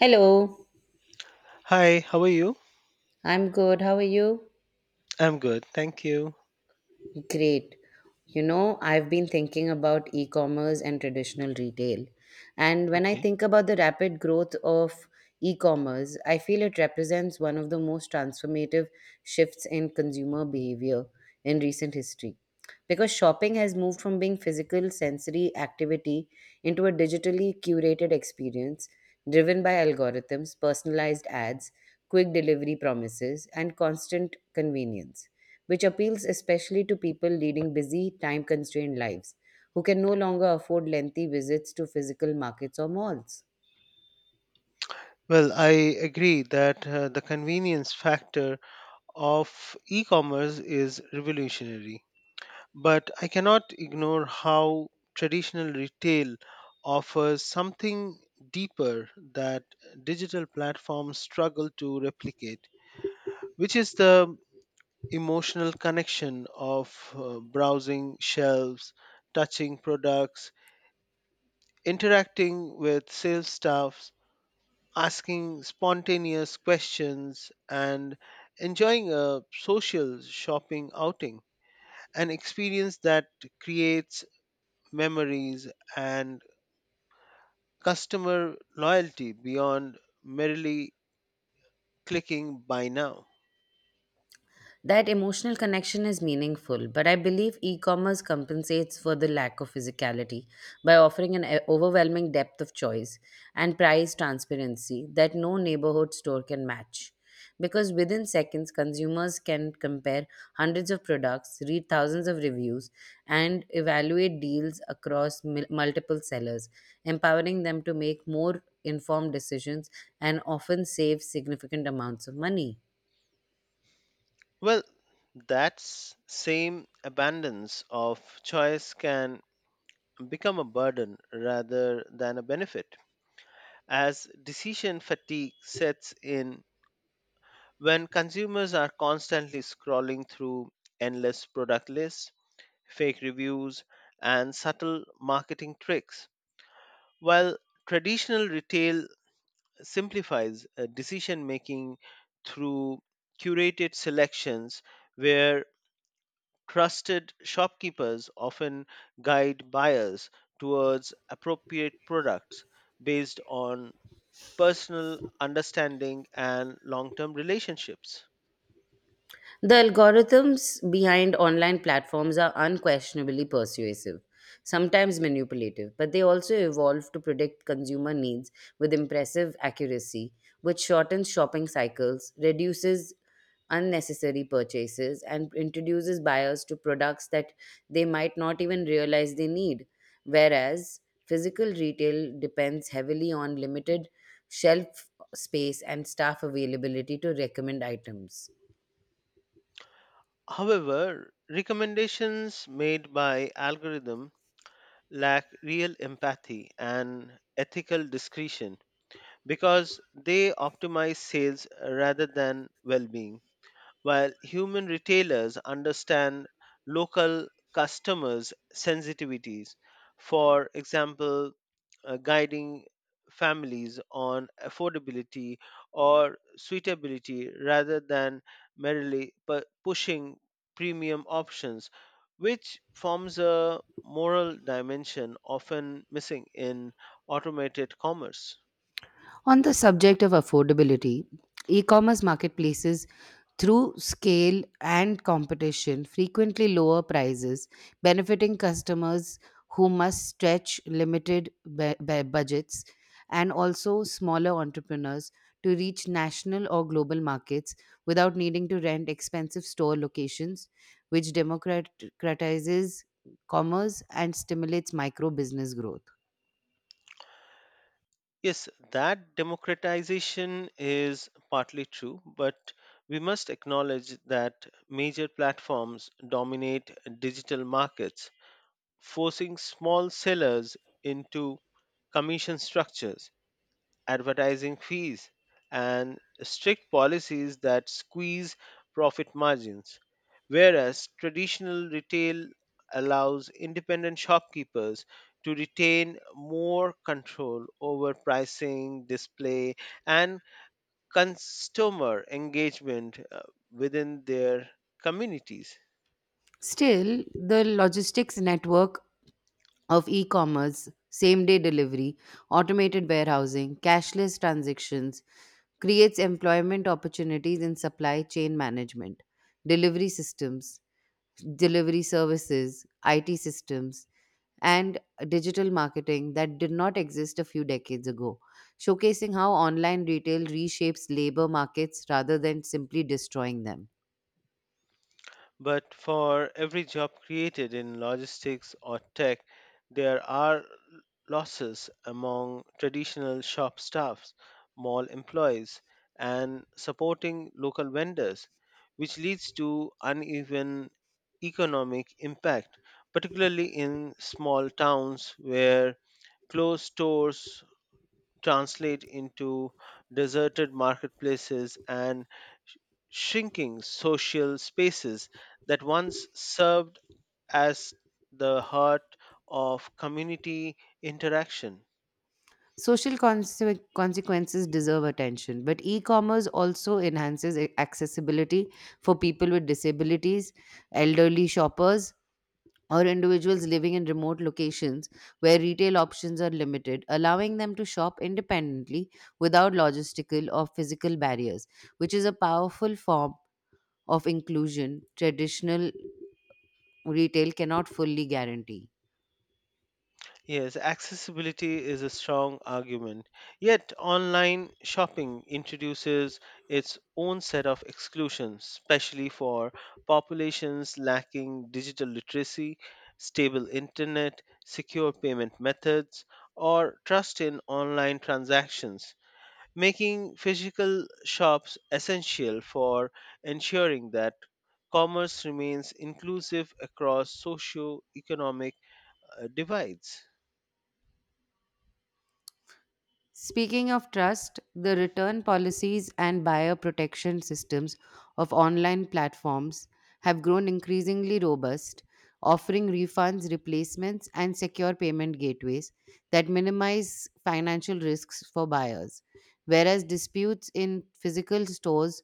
Hello, Hi, how are you? I'm good. How are you? I'm good, thank you. Great. You know, I've been thinking about e commerce and traditional retail. And when I Okay. think about the rapid growth of e commerce, I feel it represents one of the most transformative shifts in consumer behavior in recent history. Because shopping has moved from being physical sensory activity into a digitally curated experience driven by algorithms, personalized ads, quick delivery promises, and constant convenience, which appeals especially to people leading busy, time constrained lives who can no longer afford lengthy visits to physical markets or malls. Well, I agree that the convenience factor of e commerce is revolutionary, but I cannot ignore how traditional retail offers something deeper that digital platforms struggle to replicate, which is the emotional connection of browsing shelves, touching products, interacting with sales staffs asking spontaneous questions and enjoying a social shopping outing, an experience that creates memories and customer loyalty beyond merely clicking buy now. That emotional connection is meaningful, but I believe e commerce compensates for the lack of physicality by offering an overwhelming depth of choice and price transparency that no neighborhood store can match. Because within seconds, consumers can compare hundreds of products, read thousands of reviews, and evaluate deals across multiple sellers, empowering them to make more informed decisions and often save significant amounts of money. Well, that's same abundance of choice can become a burden rather than a benefit as decision fatigue sets in when consumers are constantly scrolling through endless product lists, fake reviews, and subtle marketing tricks, while traditional retail simplifies decision making through curated selections where trusted shopkeepers often guide buyers towards appropriate products based on personal understanding and long term relationships. The algorithms behind online platforms are unquestionably persuasive, sometimes manipulative, but they also evolve to predict consumer needs with impressive accuracy, which shortens shopping cycles, reduces unnecessary purchases, and introduces buyers to products that they might not even realize they need. Whereas physical retail depends heavily on limited shelf space and staff availability to recommend items. However, recommendations made by algorithm lack real empathy and ethical discretion because they optimize sales rather than well-being while human retailers understand local customers' sensitivities. For example, guiding families on affordability or suitability rather than merely pushing premium options, which forms a moral dimension often missing in automated commerce. On the subject of affordability, e commerce marketplaces, through scale and competition, frequently lower prices, benefiting customers who must stretch limited budgets and also smaller entrepreneurs to reach national or global markets without needing to rent expensive store locations, which democratizes commerce and stimulates micro business growth. Yes, that democratization is partly true, but we must acknowledge that major platforms dominate digital markets, forcing small sellers into commission structures advertising fees, and strict policies that squeeze profit margins. Whereas traditional retail allows independent shopkeepers to retain more control over pricing, display, and customer engagement within their communities. Still, the logistics network of e-commerce, same-day delivery, automated warehousing, cashless transactions, creates employment opportunities in supply chain management, delivery systems, delivery services, IT systems, and digital marketing that did not exist a few decades ago, showcasing how online retail reshapes labor markets rather than simply destroying them. But for every job created in logistics or tech, there are losses among traditional shop staffs, mall employees, and supporting local vendors, which leads to uneven economic impact, particularly in small towns where closed stores translate into deserted marketplaces and sh- shrinking social spaces that once served as the heart of community interaction. Social consequences deserve attention, but e commerce also enhances accessibility for people with disabilities, elderly shoppers, or individuals living in remote locations where retail options are limited, allowing them to shop independently without logistical or physical barriers, which is a powerful form of inclusion traditional retail cannot fully guarantee. Yes, accessibility is a strong argument. Yet, online shopping introduces its own set of exclusions, especially for populations lacking digital literacy, stable internet, secure payment methods, or trust in online transactions, making physical shops essential for ensuring that commerce remains inclusive across socio economic divides. Speaking of trust, the return policies and buyer protection systems of online platforms have grown increasingly robust, offering refunds, replacements, and secure payment gateways that minimize financial risks for buyers. Whereas disputes in physical stores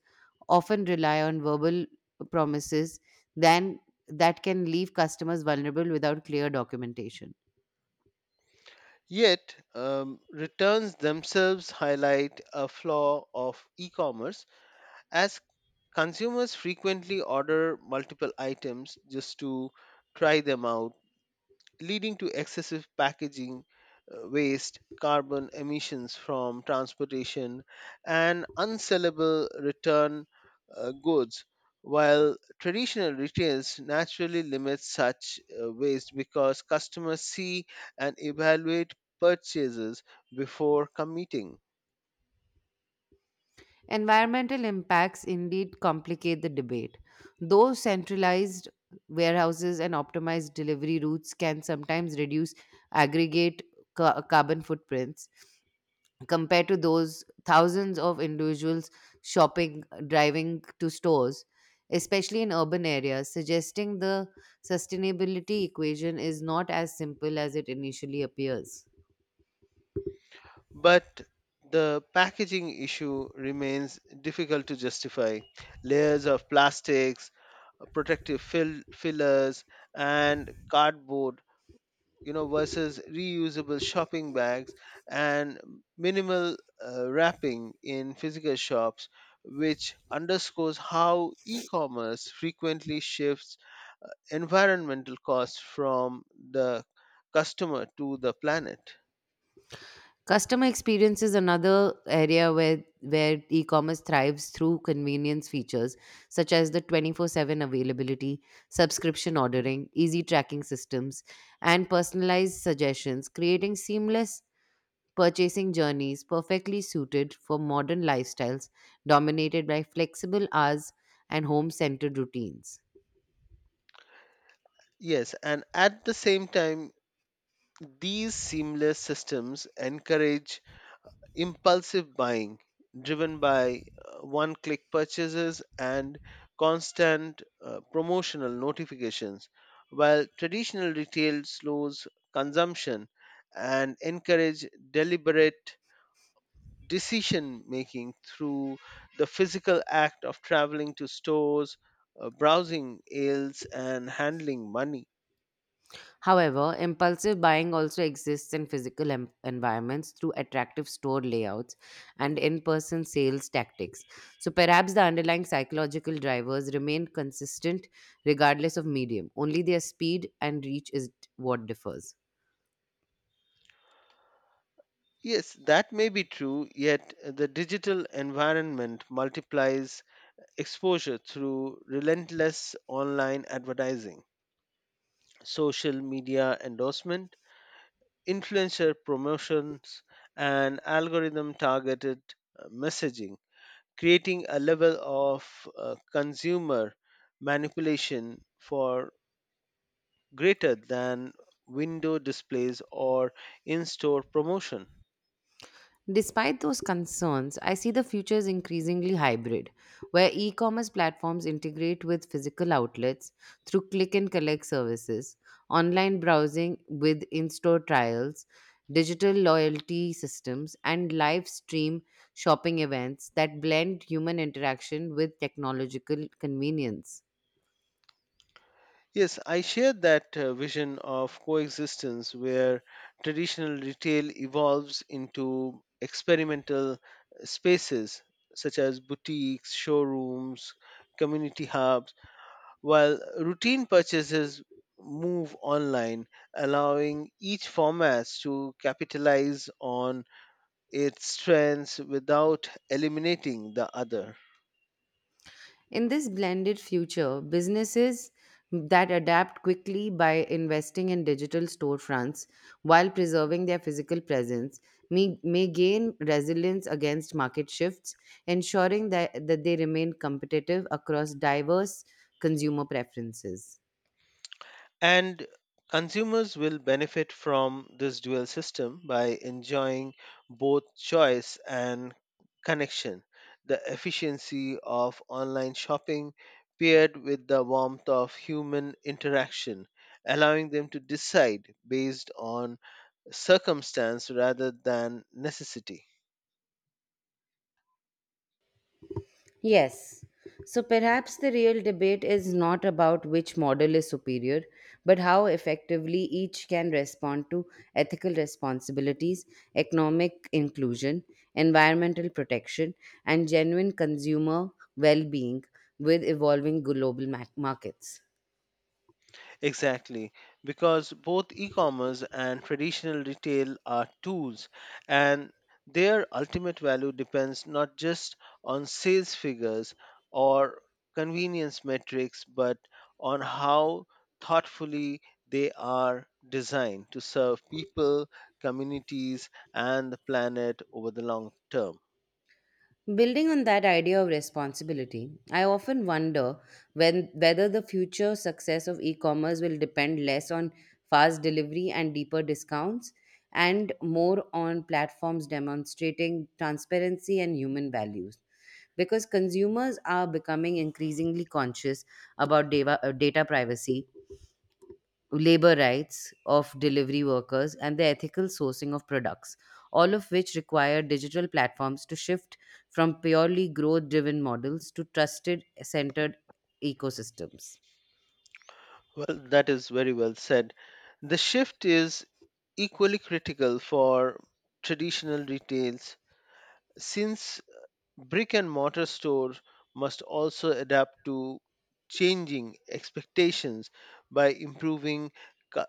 often rely on verbal promises, then that can leave customers vulnerable without clear documentation. Yet, returns themselves highlight a flaw of e commerce as consumers frequently order multiple items just to try them out leading to excessive packaging, waste, carbon emissions from transportation, and unsellable return goods. While traditional retails naturally limit such waste because customers see and evaluate purchases before committing. Environmental impacts indeed complicate the debate. Though centralized warehouses and optimized delivery routes can sometimes reduce aggregate carbon footprints compared to those thousands of individuals shopping, driving to stores, especially in urban areas, suggesting the sustainability equation is not as simple as it initially appears. But the packaging issue remains difficult to justify. Layers of plastics, protective fill, fillers and cardboard versus reusable shopping bags and minimal wrapping in physical shops which underscores how e-commerce frequently shifts environmental costs from the customer to the planet. Customer experience is another area where e-commerce thrives through convenience features such as the 24/7 availability, subscription ordering, easy tracking systems, and personalized suggestions, creating seamless purchasing journeys perfectly suited for modern lifestyles dominated by flexible hours and home-centered routines. Yes, and at the same time these seamless systems encourage impulsive buying driven by one click purchases and constant promotional notifications, while traditional retail slows consumption and encourage deliberate decision making through the physical act of traveling to stores, browsing aisles, and handling money. However, impulsive buying also exists in physical environments through attractive store layouts and in person sales tactics. So perhaps the underlying psychological drivers remain consistent regardless of medium, only their speed and reach is what differs. Yes, that may be true, yet the digital environment multiplies exposure through relentless online advertising, social media endorsement, influencer promotions, and algorithm targeted messaging, creating a level of consumer manipulation for greater than window displays or in store promotion. Despite those concerns, I see the future is increasingly hybrid, where e commerce platforms integrate with physical outlets through click and collect services, online browsing with in store trials, digital loyalty systems, and live stream shopping events that blend human interaction with technological convenience. Yes, I share that vision of coexistence where traditional retail evolves into experimental spaces such as boutiques, showrooms, community hubs, while routine purchases move online, allowing each format to capitalize on its strengths without eliminating the other. In this blended future, businesses that adapt quickly by investing in digital storefronts while preserving their physical presence may gain resilience against market shifts, ensuring that they remain competitive across diverse consumer preferences. And consumers will benefit from this dual system by enjoying both choice and connection, the efficiency of online shopping paired with the warmth of human interaction, allowing them to decide based on circumstance rather than necessity. Yes. So perhaps the real debate is not about which model is superior, but how effectively each can respond to ethical responsibilities, economic inclusion, environmental protection, and genuine consumer well being with evolving global markets. Exactly, because both e commerce and traditional retail are tools, and their ultimate value depends not just on sales figures or convenience metrics, but on how thoughtfully they are designed to serve people, communities, and the planet over the long term. Building on that idea of responsibility, I often wonder whether the future success of e commerce will depend less on fast delivery and deeper discounts and more on platforms demonstrating transparency and human values. Because consumers are becoming increasingly conscious about data privacy labor rights of delivery workers, and the ethical sourcing of products, all of which require digital platforms to shift from purely growth driven models to trusted centered ecosystems. Well, that is very well said. The shift is equally critical for traditional retails since brick and mortar stores must also adapt to changing expectations by improving cu-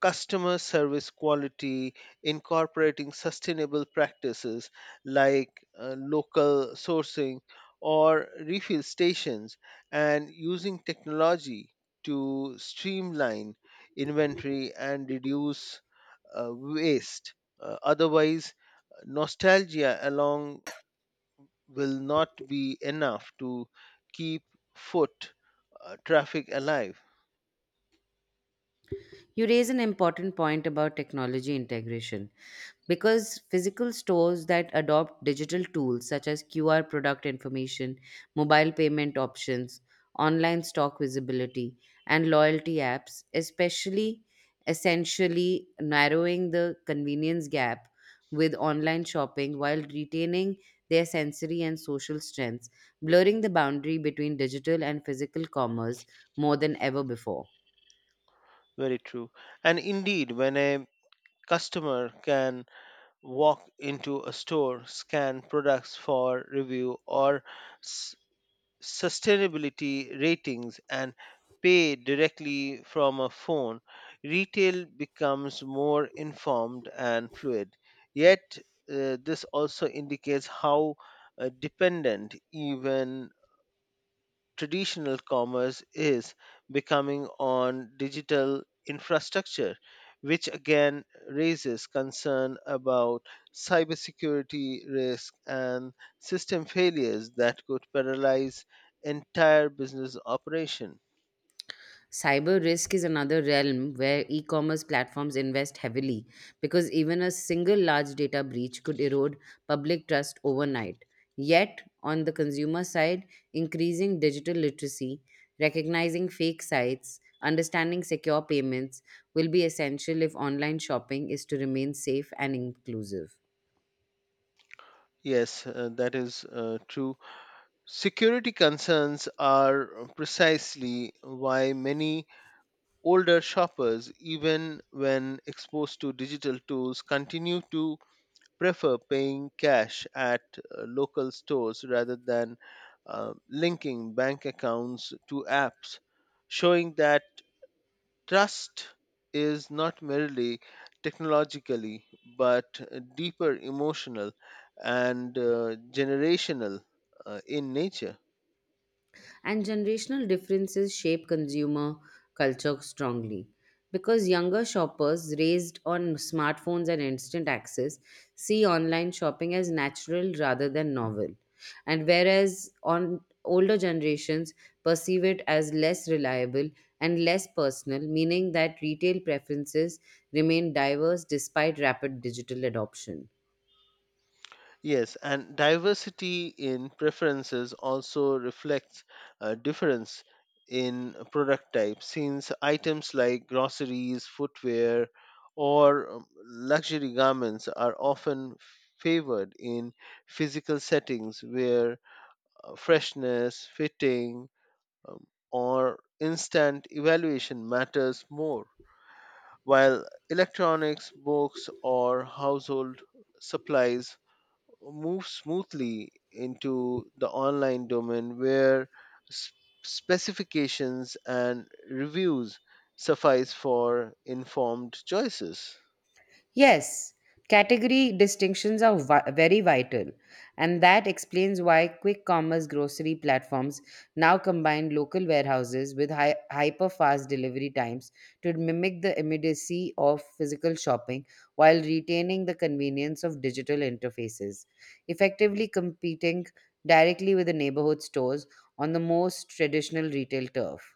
customer service quality incorporating sustainable practices like local sourcing or refill stations and using technology to streamline inventory and reduce waste. Otherwise nostalgia along will not be enough to keep foot traffic alive. You raise an important point about technology integration because physical stores that adopt digital tools such as QR product information, mobile payment options, online stock visibility, and loyalty apps, especially essentially narrowing the convenience gap with online shopping while retaining their sensory and social strengths, blurring the boundary between digital and physical commerce more than ever before. Very true. And indeed, when a customer can walk into a store, scan products for review or s- sustainability ratings, and pay directly from a phone, retail becomes more informed and fluid. Yet, this also indicates how dependent even traditional commerce is becoming on digital infrastructure, which again raises concern about cybersecurity risk and system failures that could paralyze entire business operation. Cyber risk is another realm where e commerce platforms invest heavily because even a single large data breach could erode public trust overnight. Yet, on the consumer side, increasing digital literacy, recognizing fake sites, understanding secure payments will be essential if online shopping is to remain safe and inclusive. Yes, that is true. Security concerns are precisely why many older shoppers, even when exposed to digital tools, continue to prefer paying cash at local stores rather than linking bank accounts to apps, showing that trust is not merely technologically but deeper emotional and generational in nature. And generational differences shape consumer culture strongly. Because younger shoppers raised on smartphones and instant access see online shopping as natural rather than novel. And whereas on older generations perceive it as less reliable and less personal, meaning that retail preferences remain diverse despite rapid digital adoption. Yes, and diversity in preferences also reflects a difference in product type since items like groceries, footwear, or luxury garments are often favored in physical settings where freshness, fitting, um, or instant evaluation matters more, while electronics, books, or household supplies move smoothly into the online domain where s- specifications and reviews suffice for informed choices. Yes, category distinctions are very vital, and that explains why quick commerce grocery platforms now combine local warehouses with hyper fast delivery times to mimic the immediacy of physical shopping while retaining the convenience of digital interfaces, effectively competing directly with the neighborhood stores on the most traditional retail turf.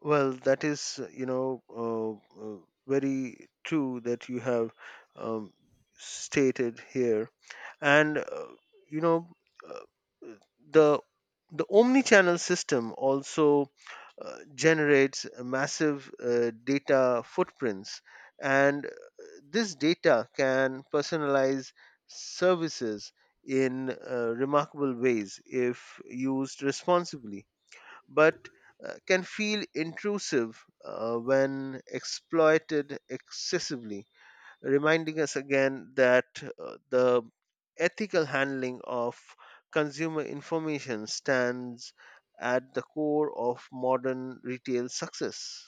Well, that is, uh, very true that you have um, stated here, and you know, uh, the omni-channel system also generates massive data footprints, and this data can personalize services in remarkable ways if used responsibly but can feel intrusive when exploited excessively, reminding us again that the ethical handling of consumer information stands at the core of modern retail success.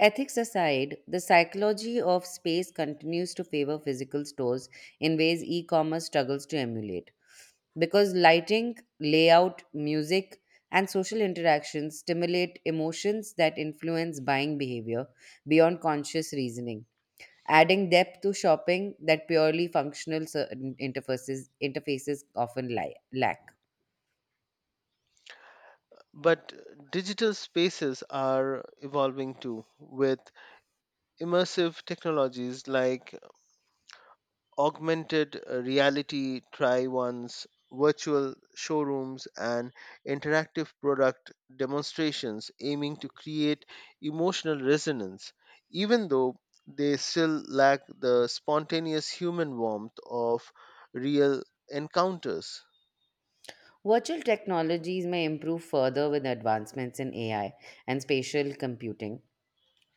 Ethics aside, the psychology of space continues to favor physical stores in ways e commerce struggles to emulate. Because lighting, layout, music, and social interactions stimulate emotions that influence buying behavior beyond conscious reasoning, adding depth to shopping that purely functional certain interfaces often lack. But digital spaces are evolving too, with immersive technologies like augmented reality try ons, virtual showrooms, and interactive product demonstrations aiming to create emotional resonance, even though they still lack the spontaneous human warmth of real encounters. Virtual technologies may improve further with advancements in AI and spatial computing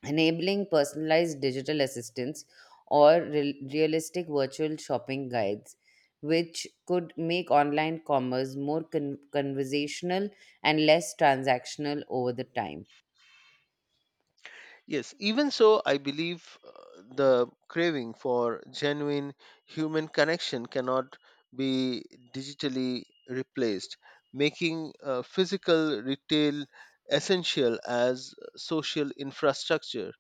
enabling personalized digital assistants or realistic virtual shopping guides, which could make online commerce more conversational and less transactional over the time. Yes, even so, I believe the craving for genuine human connection cannot be digitally replaced, making physical retail essential as social infrastructure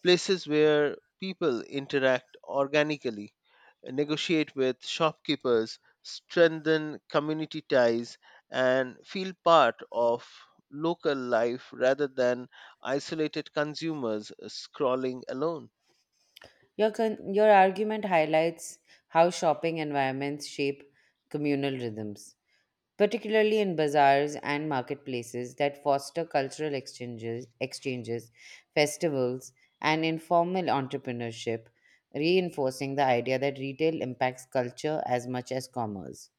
places where people interact organically, negotiate with shopkeepers, strengthen community ties, and feel part of local life rather than isolated consumers scrolling alone. Your argument highlights how shopping environments shape communal rhythms particularly in bazaars and marketplaces that foster cultural exchanges, festivals, and informal entrepreneurship, reinforcing the idea that retail impacts culture as much as commerce.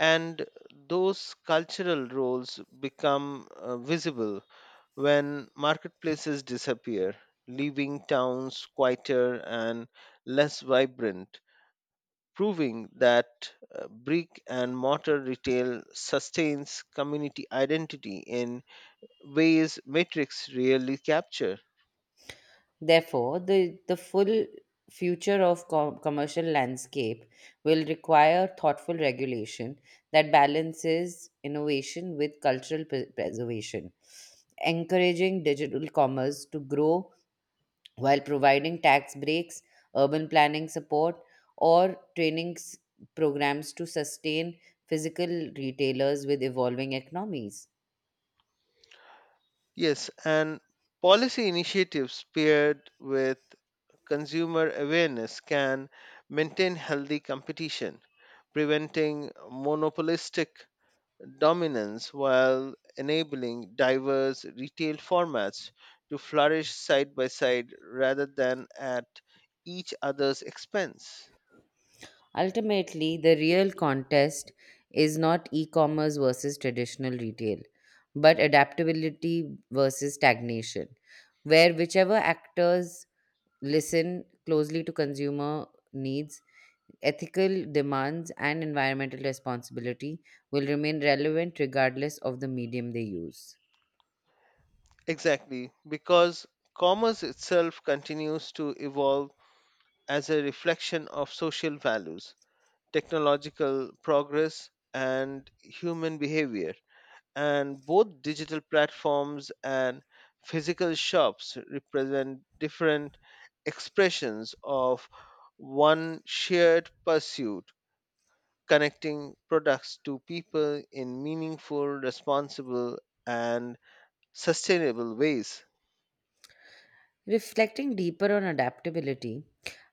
And those cultural roles become visible when marketplaces disappear, leaving towns quieter and less vibrant proving that brick and mortar retail sustains community identity in ways metrics rarely capture. Therefore, the full future of commercial landscape will require thoughtful regulation that balances innovation with cultural preservation, encouraging digital commerce to grow while providing tax breaks, urban planning support, or training programs to sustain physical retailers with evolving economies. Yes, and policy initiatives paired with consumer awareness can maintain healthy competition, preventing monopolistic dominance while enabling diverse retail formats to flourish side by side rather than at each other's expense. Ultimately, the real contest is not e commerce versus traditional retail, but adaptability versus stagnation, where whichever actors listen closely to consumer needs ethical demands and environmental responsibility will remain relevant regardless of the medium they use. Exactly, because commerce itself continues to evolve as a reflection of social values, technological progress, and human behavior and both digital platforms and physical shops represent different expressions of one shared pursuit connecting products to people in meaningful responsible and sustainable ways. Reflecting deeper on adaptability,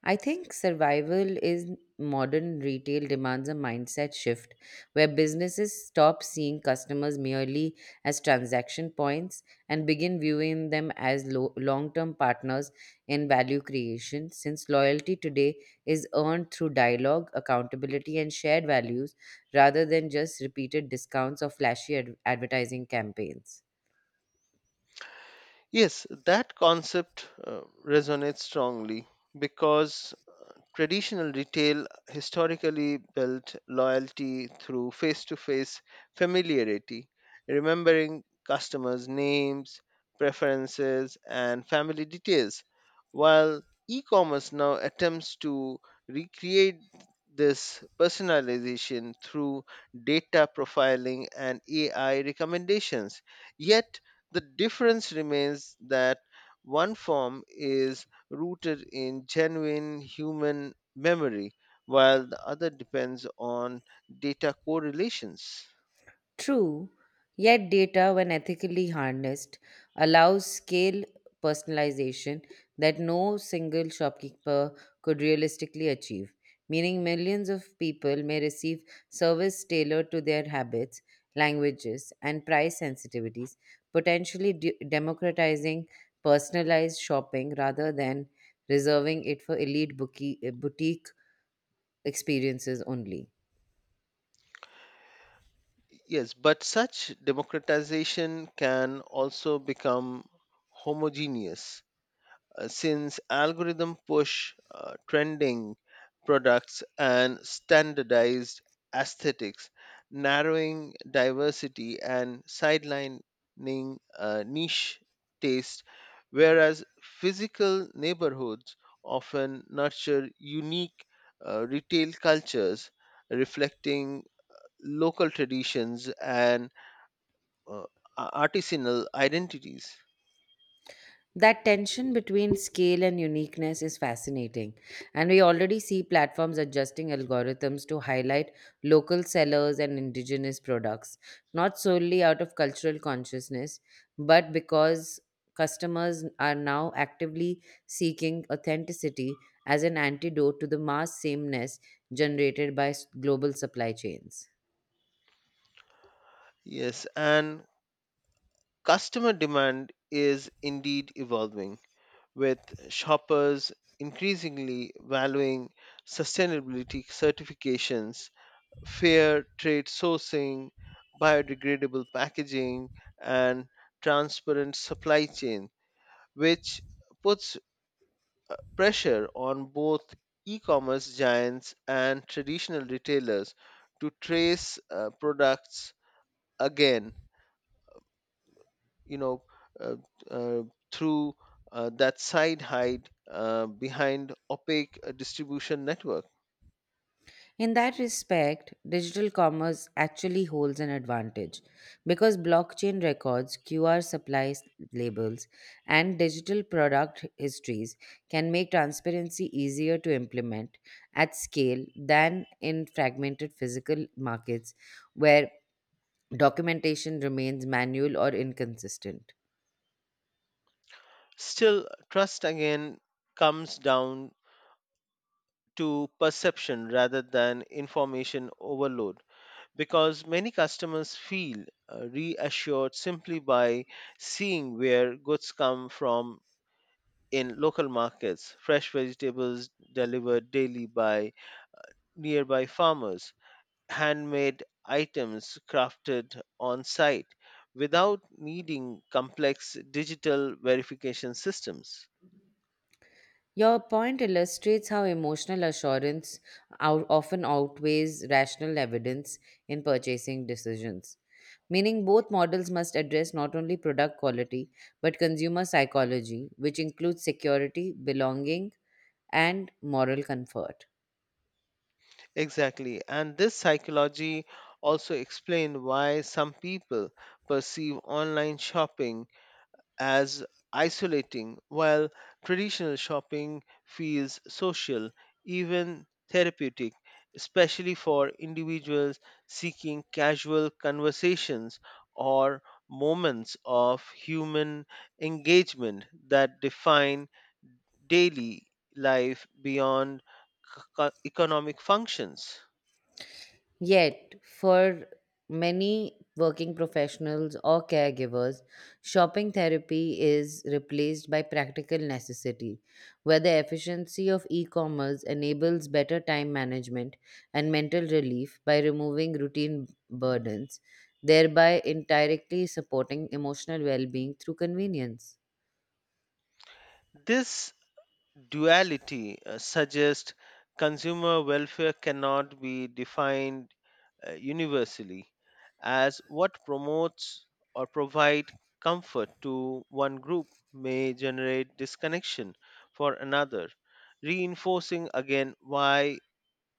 I think survival in modern retail demands a mindset shift where businesses stop seeing customers merely as transaction points and begin viewing them as long-term partners in value creation since loyalty today is earned through dialogue, accountability and shared values rather than just repeated discounts or flashy advertising campaigns. Yes, that concept resonates strongly because traditional retail historically built loyalty through face to face familiarity, remembering customers' names, preferences, and family details, while e commerce now attempts to recreate this personalization through data profiling and AI recommendations. Yet, the difference remains that one form is rooted in genuine human memory, while the other depends on data correlations. True, yet data, when ethically harnessed, allows scale personalization that no single shopkeeper could realistically achieve, meaning millions of people may receive service tailored to their habits, languages, and price sensitivities, potentially democratizing personalized shopping rather than reserving it for elite boutique experiences only. Yes, but such democratization can also become homogeneous since algorithm push trending products and standardized aesthetics, narrowing diversity and sidelining niche taste, whereas physical neighborhoods often nurture unique retail cultures reflecting local traditions and uh, artisanal identities. That tension between scale and uniqueness is fascinating, and we already see platforms adjusting algorithms to highlight local sellers and indigenous products, not solely out of cultural consciousness, but because customers are now actively seeking authenticity as an antidote to the mass sameness generated by global supply chains. Yes, and customer demand is indeed evolving, with shoppers increasingly valuing sustainability certifications, fair trade sourcing, biodegradable packaging, and transparent supply chain, which puts pressure on both e commerce giants and traditional retailers to trace products again you know uh, uh, through that side hide behind opaque distribution network. In that respect, digital commerce actually holds an advantage because blockchain records, QR supply labels, and digital product histories can make transparency easier to implement at scale than in fragmented physical markets where documentation remains manual or inconsistent. Still trust again comes down to perception rather than information overload because many customers feel reassured simply by seeing where goods come from in local markets fresh vegetables delivered daily by nearby farmers handmade items crafted on site without needing complex digital verification systems. Your point illustrates how emotional assurance often outweighs rational evidence in purchasing decisions. Meaning, both models must address not only product quality but consumer psychology, which includes security, belonging, and moral comfort. Exactly. And this psychology also explained why some people perceive online shopping as isolating, while traditional shopping feels social, even therapeutic, especially for individuals seeking casual conversations or moments of human engagement that define daily life beyond economic functions. Yet, for many working professionals or caregivers, shopping therapy is replaced by practical necessity, where the efficiency of e commerce enables better time management and mental relief by removing routine burdens, thereby indirectly supporting emotional well being through convenience. This duality suggests consumer welfare cannot be defined universally as what promotes or provide comfort to one group may generate disconnection for another reinforcing again why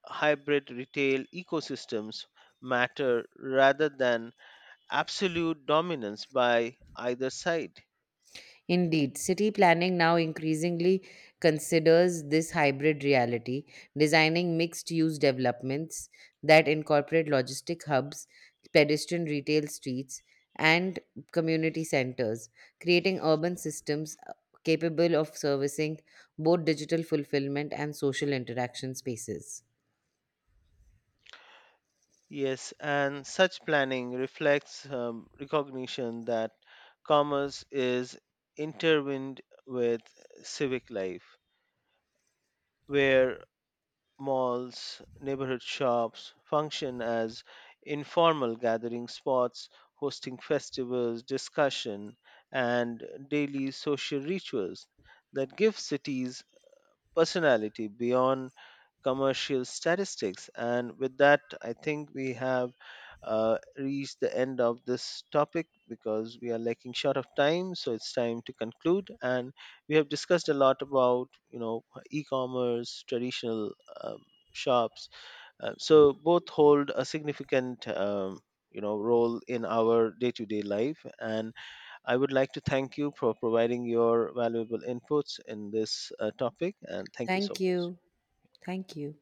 hybrid retail ecosystems matter rather than absolute dominance by either side. Indeed, city planning now increasingly considers this hybrid reality, designing mixed use developments that incorporate logistic hubs, pedestrian retail streets, and community centers, creating urban systems capable of servicing both digital fulfillment and social interaction spaces. Yes, and such planning reflects recognition that commerce is intertwined with civic life where malls, neighborhood shops function as informal gathering spots hosting festivals, discussion, and daily social rituals that give cities personality beyond commercial statistics. And with that, I think we have reached the end of this topic because we are lacking short of time. So it's time to conclude. And we have discussed a lot about, e-commerce, traditional um, shops. So both hold a significant, role in our day-to-day life and I would like to thank you for providing your valuable inputs in this topic, and thank you so Thank much. you. Thank you.